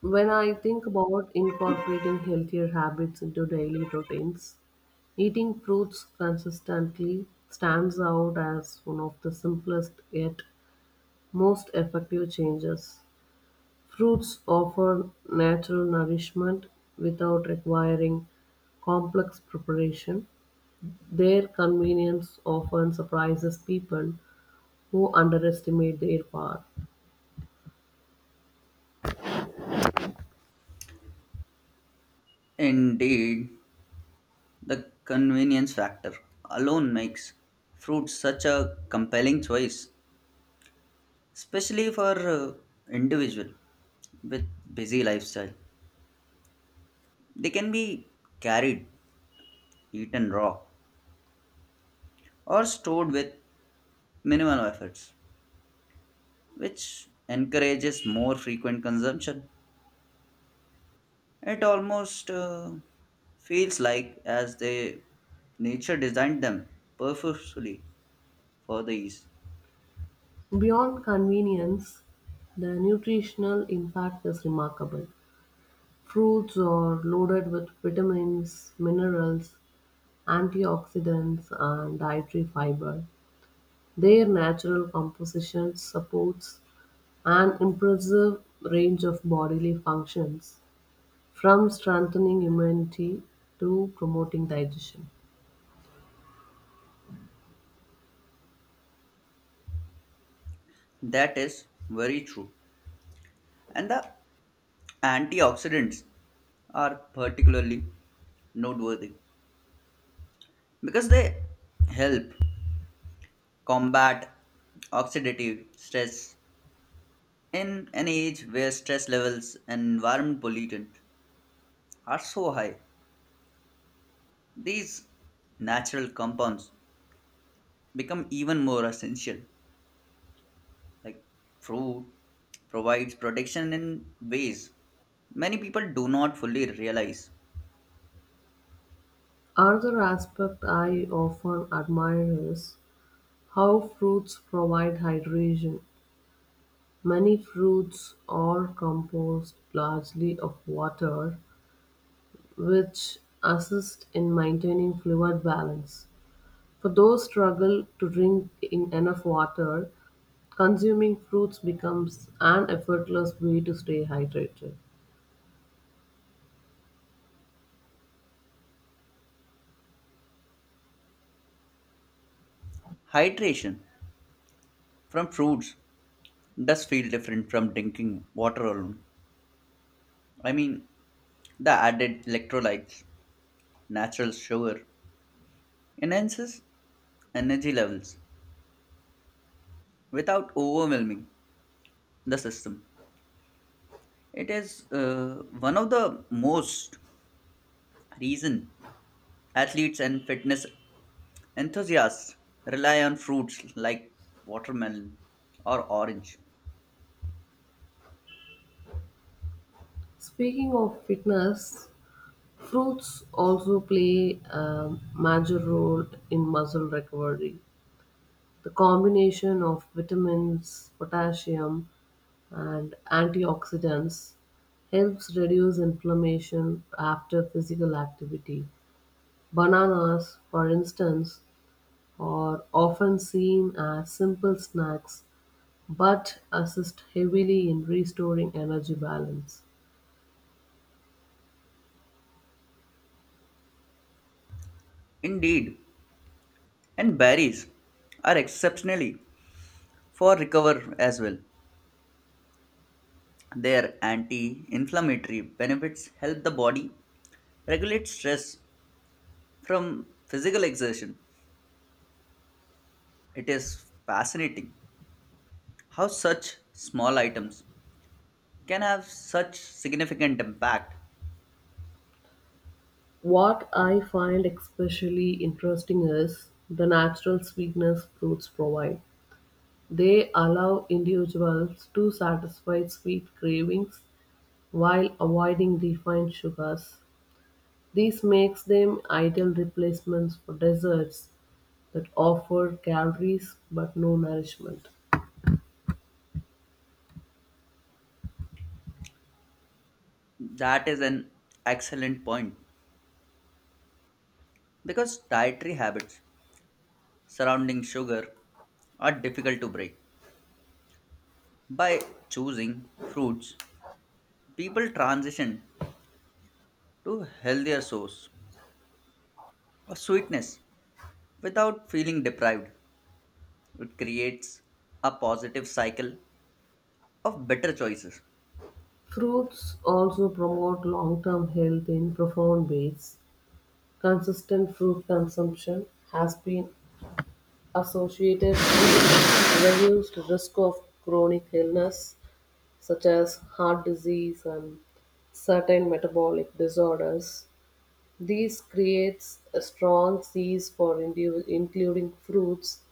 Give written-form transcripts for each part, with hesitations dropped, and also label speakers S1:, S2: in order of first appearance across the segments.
S1: When I think about incorporating healthier habits into daily routines, eating fruits consistently stands out as one of the simplest yet most effective changes. Fruits offer natural nourishment without requiring complex preparation. Their convenience often surprises people who underestimate their power.
S2: Indeed, the convenience factor alone makes fruit such a compelling choice, especially for individual with busy lifestyle. They can be carried, eaten raw, or stored with minimal efforts, which encourages more frequent consumption. It almost feels like as they nature designed them purposefully for the ease.
S1: Beyond convenience, the nutritional impact is remarkable. Fruits are loaded with vitamins, minerals, antioxidants, and dietary fiber. Their natural composition supports an impressive range of bodily functions, from strengthening immunity to promoting digestion.
S2: That is very true. And the antioxidants are particularly noteworthy because they help combat oxidative stress. In an age where stress levels and environment pollutant are so high, these natural compounds become even more essential, like fruit provides protection in ways many people do not fully realize.
S1: Another aspect I often admire is how fruits provide hydration. Many fruits are composed largely of water, which assist in maintaining fluid balance. For those struggle to drink in enough water, consuming fruits becomes an effortless way to stay hydrated.
S2: Hydration from fruits does feel different from drinking water alone. I mean, the added electrolytes, natural sugar, enhances energy levels without overwhelming the system. It is one of the most reason athletes and fitness enthusiasts rely on fruits like watermelon or orange.
S1: Speaking of fitness, fruits also play a major role in muscle recovery. The combination of vitamins, potassium, and antioxidants helps reduce inflammation after physical activity. Bananas, for instance, are often seen as simple snacks but assist heavily in restoring energy balance.
S2: Indeed, and berries are exceptionally for recover as well. Their anti inflammatory benefits help the body regulate stress from physical exertion. It is fascinating how such small items can have such significant impact.
S1: What I find especially interesting is the natural sweetness fruits provide. They allow individuals to satisfy sweet cravings while avoiding refined sugars. This makes them ideal replacements for desserts that offer calories but no nourishment.
S2: That is an excellent point because dietary habits surrounding sugar are difficult to break. By choosing fruits, people transition to healthier source of sweetness without feeling deprived. It creates a positive cycle of better choices.
S1: Fruits also promote long-term health in profound ways; consistent fruit consumption has been associated with reduced risk of chronic illness such as heart disease and certain metabolic disorders. This creates a strong case for including fruits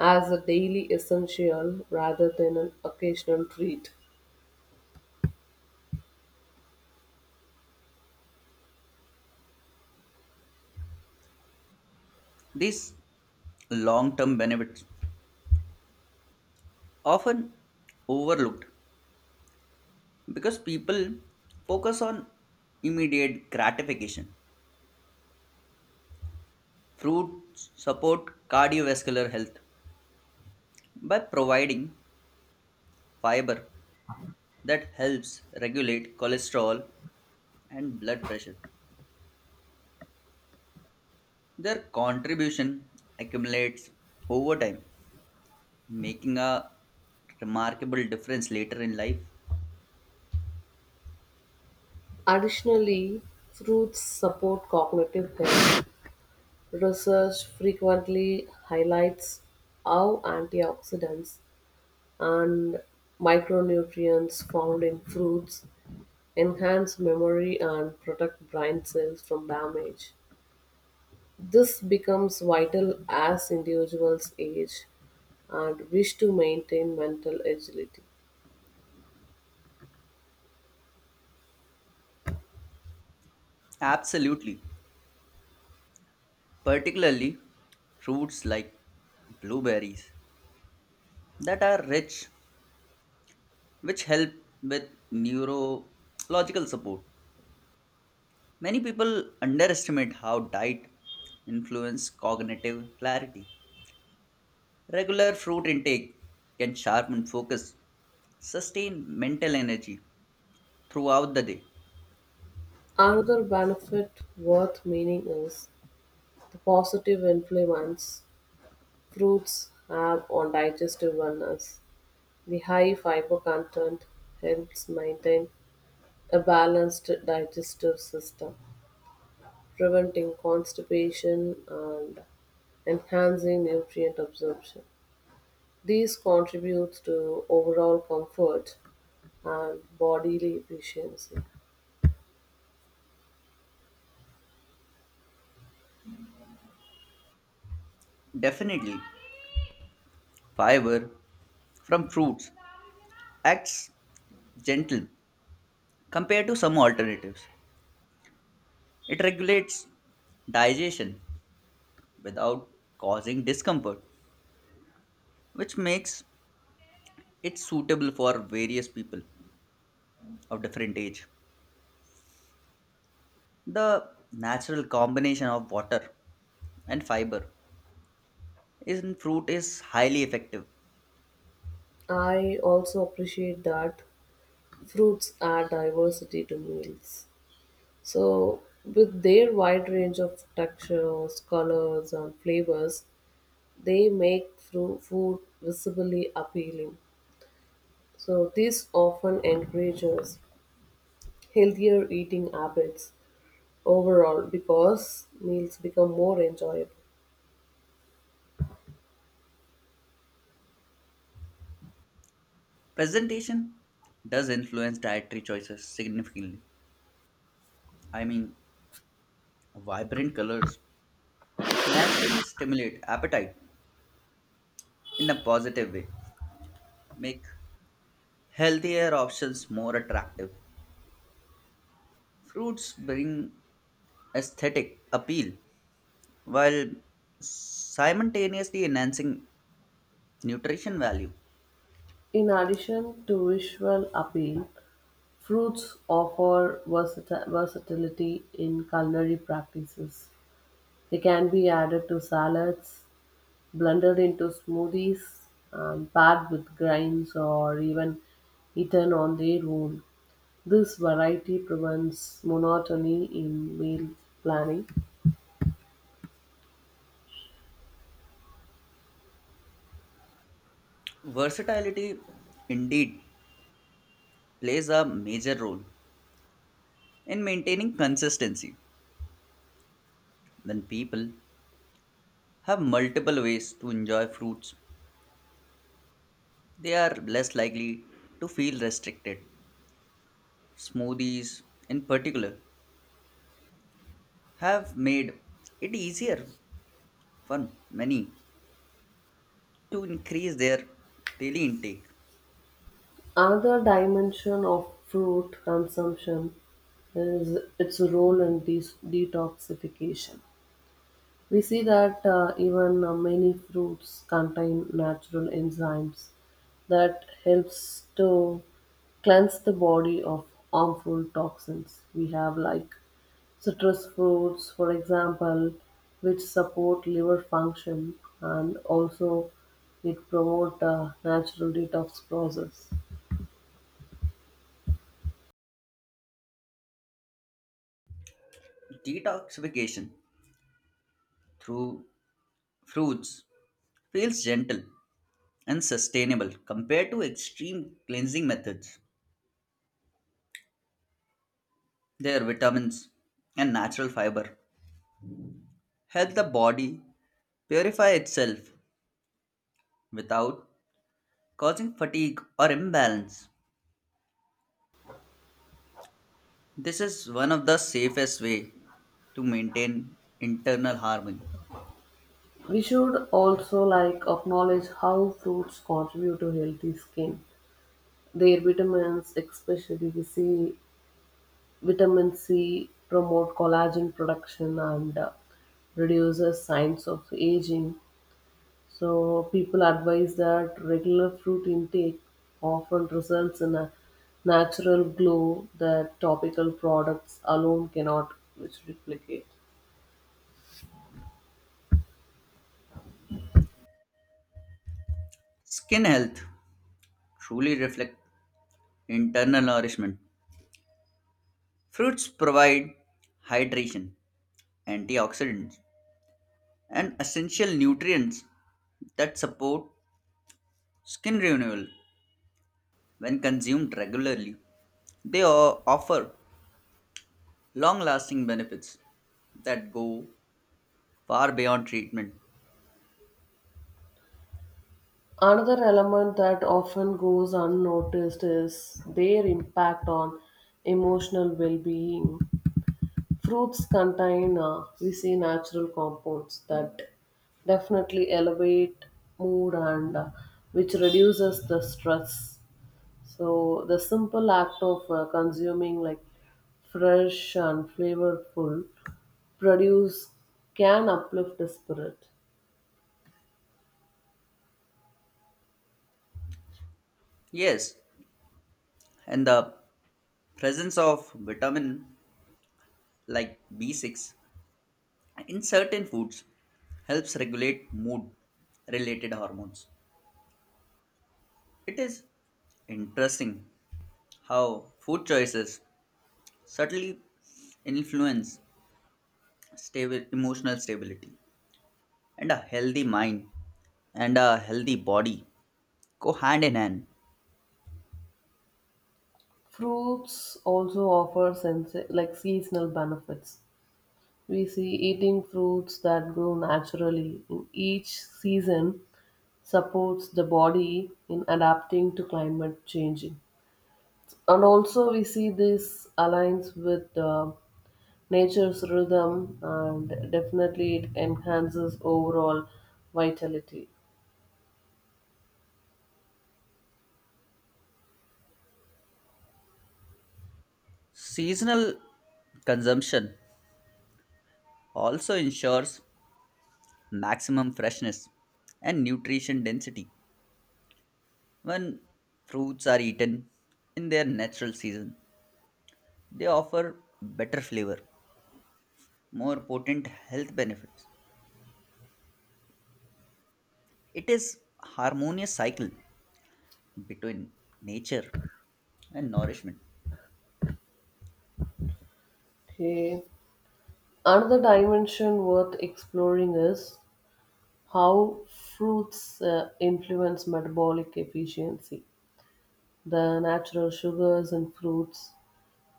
S1: as a daily essential rather than an occasional treat.
S2: These long term benefits often overlooked because people focus on immediate gratification. Fruits support cardiovascular health by providing fiber that helps regulate cholesterol and blood pressure. Their contribution accumulates over time, making a remarkable difference later in life.
S1: Additionally, fruits support cognitive health. Research frequently highlights how antioxidants and micronutrients found in fruits enhance memory and protect brain cells from damage. This becomes vital as individuals age and wish to maintain mental agility.
S2: Absolutely. Particularly fruits like blueberries that are rich, which help with neurological support. Many people underestimate how diet influence cognitive clarity. Regular fruit intake can sharpen focus, sustain mental energy throughout the day.
S1: Another benefit worth meaning is the positive influence fruits have on digestive wellness. The high fiber content helps maintain a balanced digestive system, preventing constipation and enhancing nutrient absorption. These contributes to overall comfort and bodily efficiency.
S2: Definitely, fiber from fruits acts gentle compared to some alternatives. It regulates digestion without causing discomfort, which makes it suitable for various people of different age. The natural combination of water and fiber in fruit is highly effective.
S1: I also appreciate that fruits add diversity to meals. So, with their wide range of textures, colors, and flavors, they make food visibly appealing. So, this often encourages healthier eating habits overall because meals become more enjoyable.
S2: Presentation does influence dietary choices significantly. I mean, vibrant colors naturally stimulate appetite in a positive way, make healthier options more attractive. Fruits bring aesthetic appeal while simultaneously enhancing nutrition value.
S1: In addition to visual appeal, fruits offer versatility in culinary practices. They can be added to salads, blended into smoothies, paired with grains, or even eaten on their own. This variety prevents monotony in meal planning.
S2: Versatility indeed plays a major role in maintaining consistency. When people have multiple ways to enjoy fruits, they are less likely to feel restricted. Smoothies, in particular, have made it easier for many to increase their daily intake.
S1: Another dimension of fruit consumption is its role in detoxification. We see that even many fruits contain natural enzymes that helps to cleanse the body of harmful toxins. We have like citrus fruits, for example, which support liver function and also it promote a natural detox process.
S2: Detoxification through fruits feels gentle and sustainable compared to extreme cleansing methods. Their vitamins and natural fiber help the body purify itself without causing fatigue or imbalance. This is one of the safest way to maintain internal harmony.
S1: We should also like acknowledge how fruits contribute to healthy skin. Their vitamins, especially we see vitamin C promote collagen production and reduces signs of aging. So people advise that regular fruit intake often results in a natural glow that topical products alone cannot which replicate.
S2: Skin health truly reflect internal nourishment. Fruits provide hydration, antioxidants, and essential nutrients that support skin renewal. When consumed regularly, they offer long lasting benefits that go far beyond treatment.
S1: Another element that often goes unnoticed is their impact on emotional well being. Fruits contain we see natural compounds that definitely elevate mood and which reduces the stress. So the simple act of consuming like fresh and flavorful produce can uplift the spirit.
S2: Yes, and the presence of vitamin like B6 in certain foods helps regulate mood related hormones. It is interesting how food choices subtly influence stable emotional stability, and a healthy mind and a healthy body go hand in hand.
S1: Fruits also offer sense like seasonal benefits. We see eating fruits that grow naturally in each season supports the body in adapting to climate changing. And also we see this aligns with nature's rhythm and definitely it enhances overall vitality.
S2: Seasonal consumption also ensures maximum freshness and nutrition density. When fruits are eaten in their natural season, they offer better flavor, more potent health benefits. It is harmonious cycle between nature and nourishment.
S1: Okay. Another dimension worth exploring is how fruits influence metabolic efficiency. The natural sugars in fruits,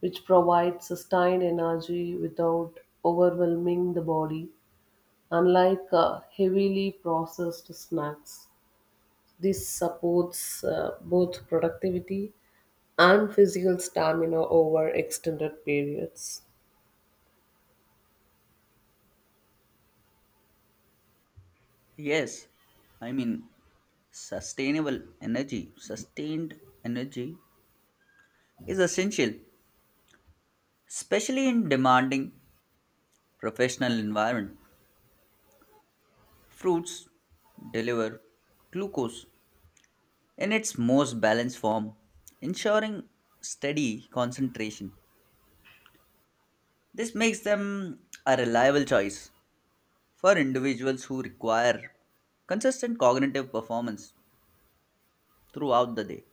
S1: which provide sustained energy without overwhelming the body, unlike heavily processed snacks, this supports both productivity and physical stamina over extended periods.
S2: Yes, I mean sustained energy is essential, especially in demanding professional environment. Fruits deliver glucose in its most balanced form, ensuring steady concentration. This makes them a reliable choice for individuals who require consistent cognitive performance throughout the day.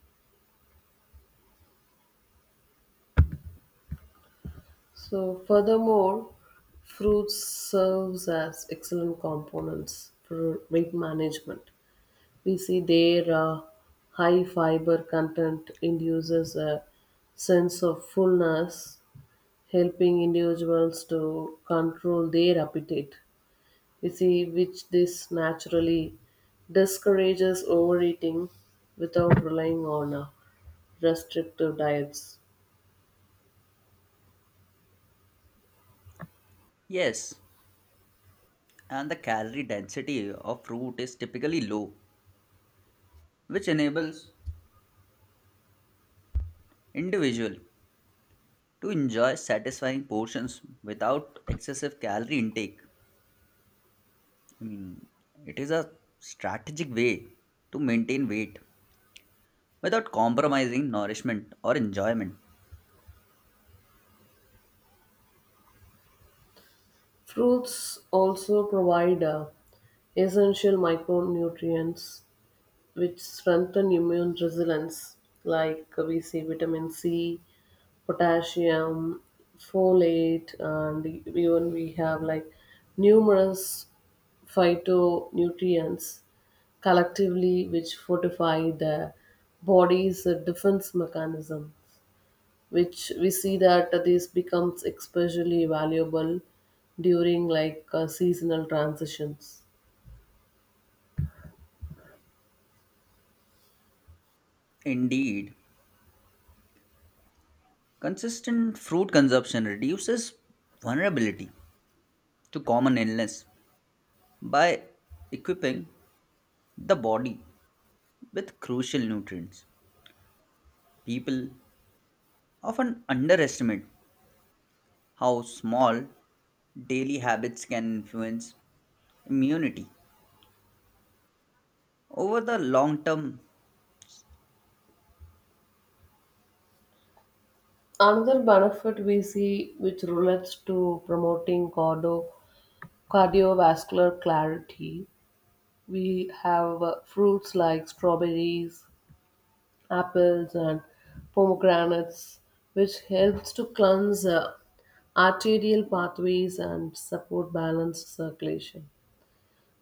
S1: So, furthermore, fruits serves as excellent components for weight management. We see their high fiber content induces a sense of fullness, helping individuals to control their appetite. You see, which this naturally discourages overeating without relying on restrictive diets.
S2: Yes, and the calorie density of fruit is typically low, which enables individual to enjoy satisfying portions without excessive calorie intake. I mean, it is a strategic way to maintain weight without compromising nourishment or enjoyment.
S1: Fruits also provide essential micronutrients which strengthen immune resilience, like we see vitamin C, potassium, folate, and even we have like numerous phytonutrients collectively which fortify the body's defense mechanism which we see that this becomes especially valuable during like seasonal transitions.
S2: Indeed, consistent fruit consumption reduces vulnerability to common illness by equipping the body with crucial nutrients. People often underestimate how small daily habits can influence immunity over the long term.
S1: Another benefit we see which relates to promoting cardiovascular clarity. We have fruits like strawberries, apples, and pomegranates, which helps to cleanse arterial pathways and support balanced circulation.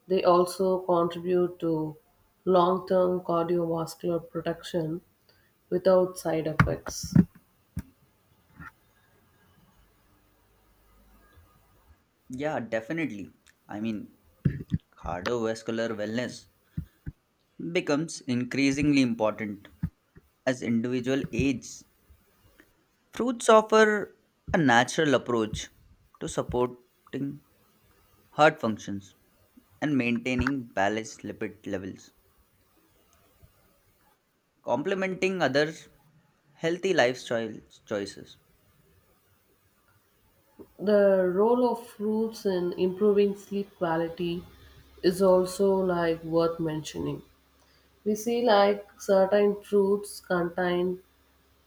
S1: They also contribute to long term cardiovascular protection without side effects.
S2: Yeah, definitely. I mean, cardiovascular wellness becomes increasingly important as individual age. Fruits offer a natural approach to supporting heart functions and maintaining balanced lipid levels, complementing other healthy lifestyle choices.
S1: The role of fruits in improving sleep quality is also like worth mentioning. We see like certain fruits contain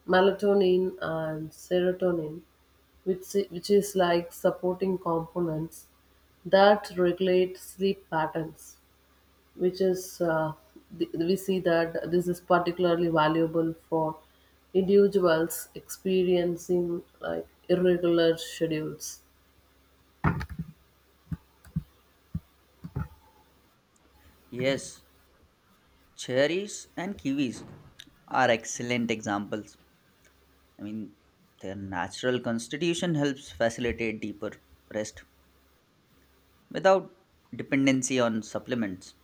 S1: melatonin and serotonin, which is like supporting components that regulate sleep patterns, which is, uh, we see that this is particularly valuable for individuals experiencing like irregular schedules.
S2: Yes, cherries and kiwis are excellent examples. I mean, their natural constitution helps facilitate deeper rest without dependency on supplements.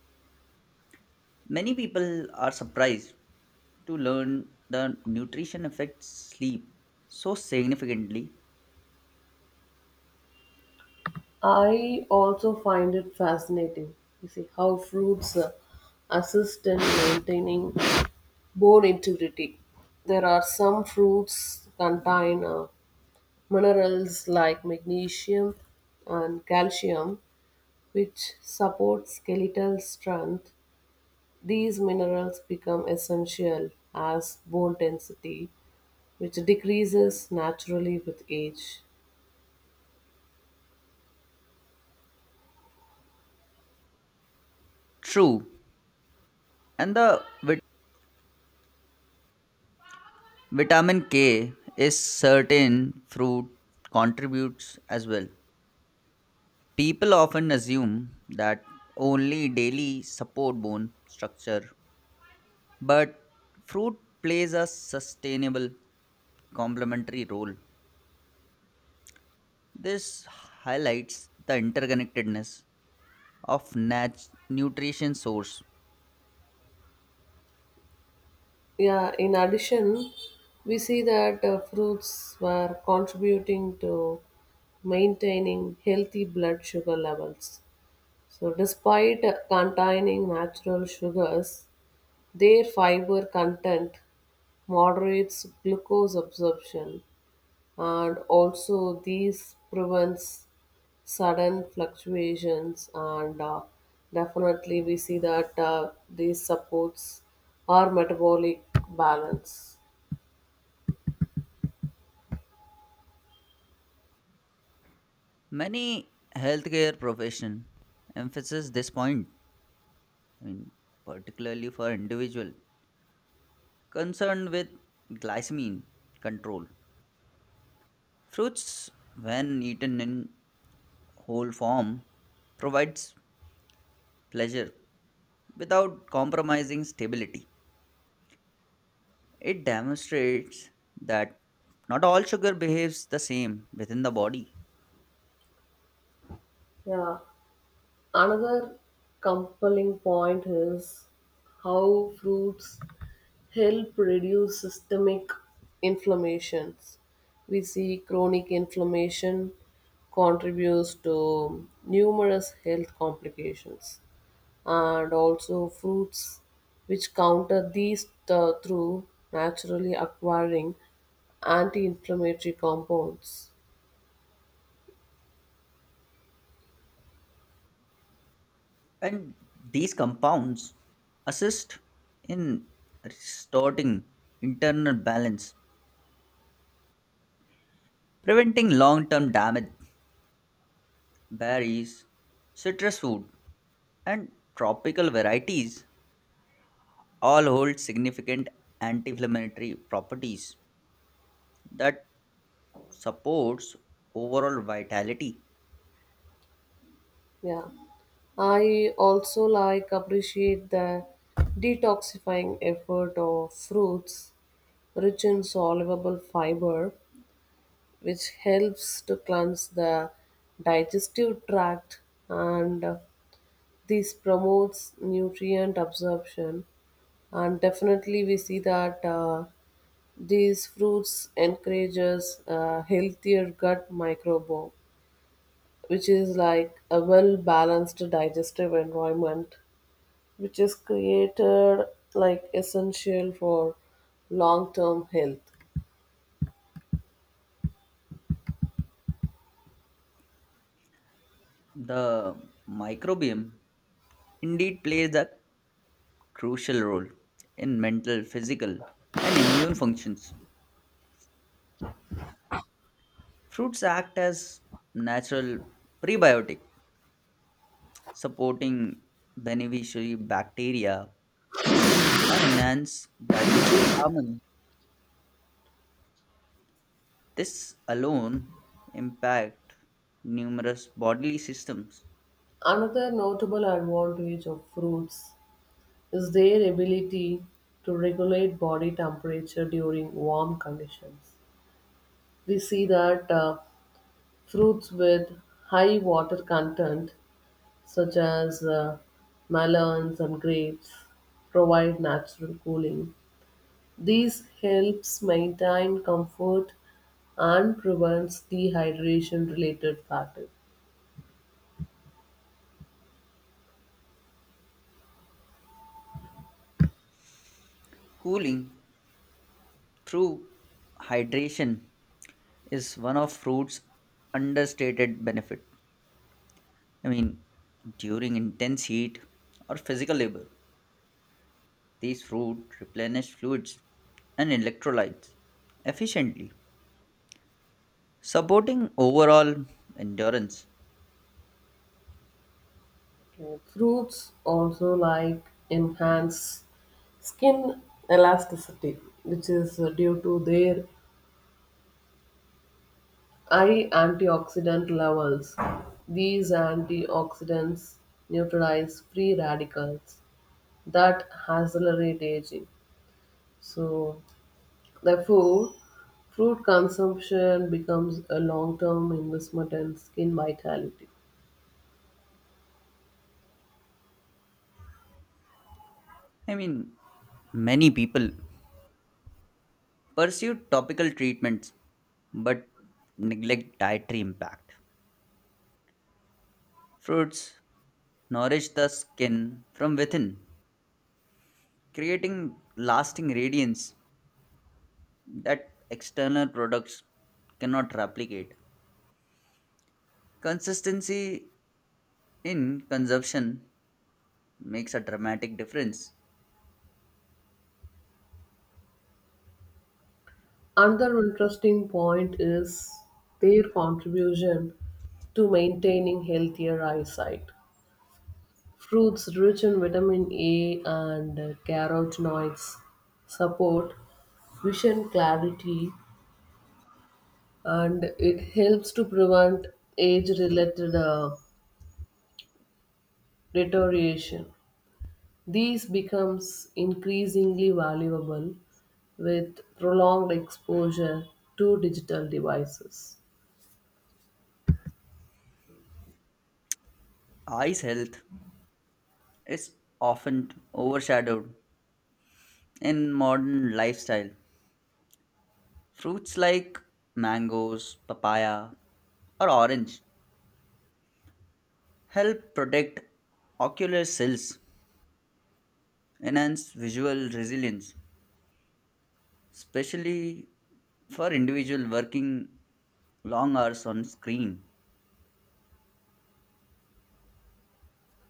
S2: Many people are surprised to learn the nutrition affects sleep so significantly.
S1: I also find it fascinating, you see, how fruits assist in maintaining bone integrity. There are some fruits contain a minerals like magnesium and calcium, which support skeletal strength, these minerals become essential as bone density, which decreases naturally with age.
S2: True, and the vitamin K is certain fruit contributes as well. People often assume that only daily support bone structure, but fruit plays a sustainable complementary role. This highlights the interconnectedness of nutrition source.
S1: Yeah, in addition, we see that fruits were contributing to maintaining healthy blood sugar levels. So, despite containing natural sugars, their fiber content moderates glucose absorption and also these prevents sudden fluctuations and definitely we see that these supports our metabolic balance.
S2: Many healthcare profession emphasize this point. I mean, particularly for individual concerned with glycemic control. Fruits, when eaten in whole form, provides pleasure without compromising stability. It demonstrates that not all sugar behaves the same within the body.
S1: Yeah, another compelling point is how fruits help reduce systemic inflammations. We see chronic inflammation contributes to numerous health complications, and also fruits which counter through naturally acquiring anti-inflammatory compounds.
S2: And these compounds assist in restoring internal balance, preventing long term damage. Berries, citrus fruit, and tropical varieties all hold significant anti-inflammatory properties that supports overall vitality.
S1: Yeah. I also like appreciate the detoxifying effort of fruits rich in soluble fiber which helps to cleanse the digestive tract and this promotes nutrient absorption and definitely we see that these fruits encourages a healthier gut microbiome which is like a well balanced digestive environment which is created like essential for long term health.
S2: The microbiome indeed plays a crucial role in mental, physical, and immune functions. Fruits act as natural prebiotic, supporting beneficiary bacteria and enhance digestive harmony. This alone impact numerous bodily systems.
S1: Another notable advantage of fruits is their ability to regulate body temperature during warm conditions. We see that fruits with high water content, such as melons and grapes, provide natural cooling. These helps maintain comfort and prevents dehydration related fatigue.
S2: Cooling through hydration is one of fruits' understated benefit. I mean, during intense heat or physical labor, these fruit replenish fluids and electrolytes efficiently supporting overall endurance.
S1: Fruits also like enhance skin elasticity, which is due to their high antioxidant levels. These antioxidants neutralize free radicals that accelerate aging. So, therefore, fruit consumption becomes a long-term investment in skin vitality.
S2: I mean, many people pursue topical treatments but neglect dietary impact. Fruits nourish the skin from within, creating lasting radiance that external products cannot replicate. Consistency in consumption makes a dramatic difference.
S1: Another interesting point is their contribution to maintaining healthier eyesight. Fruits rich in vitamin A and carotenoids support vision clarity and it helps to prevent age related deterioration. These becomes increasingly valuable with prolonged exposure to digital devices.
S2: Eye's health is often overshadowed in modern lifestyle. Fruits like mangoes, papaya, or orange help protect ocular cells, enhance visual resilience, especially for individual working long hours on screen.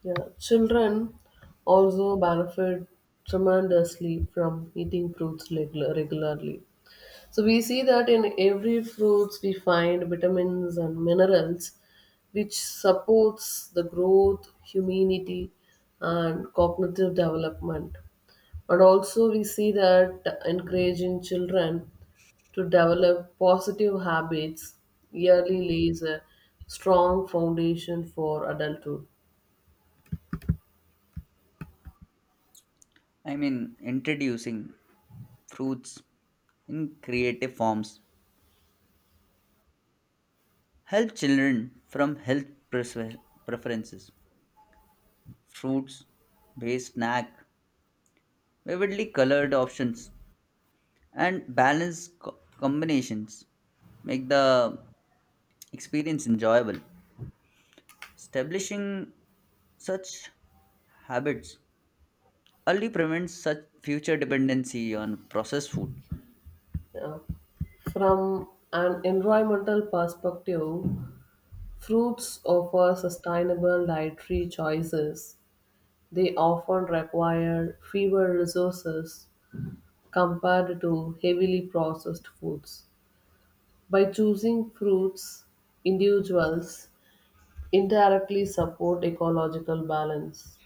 S1: Yeah, children also benefit tremendously from eating fruits regularly. So we see that in every fruits we find vitamins and minerals which supports the growth, immunity and cognitive development. And also we see that encouraging children to develop positive habits yearly lays a strong foundation for adulthood.
S2: I mean, introducing fruits in creative forms help children from health prefer- preferences. Fruits based snack, vividly colored options and balanced combinations make the experience enjoyable. Establishing such habits early prevents such future dependency on processed food.
S1: Yeah. From an environmental perspective, fruits offer sustainable dietary choices. They often require fewer resources compared to heavily processed foods. By choosing fruits, individuals indirectly support ecological balance.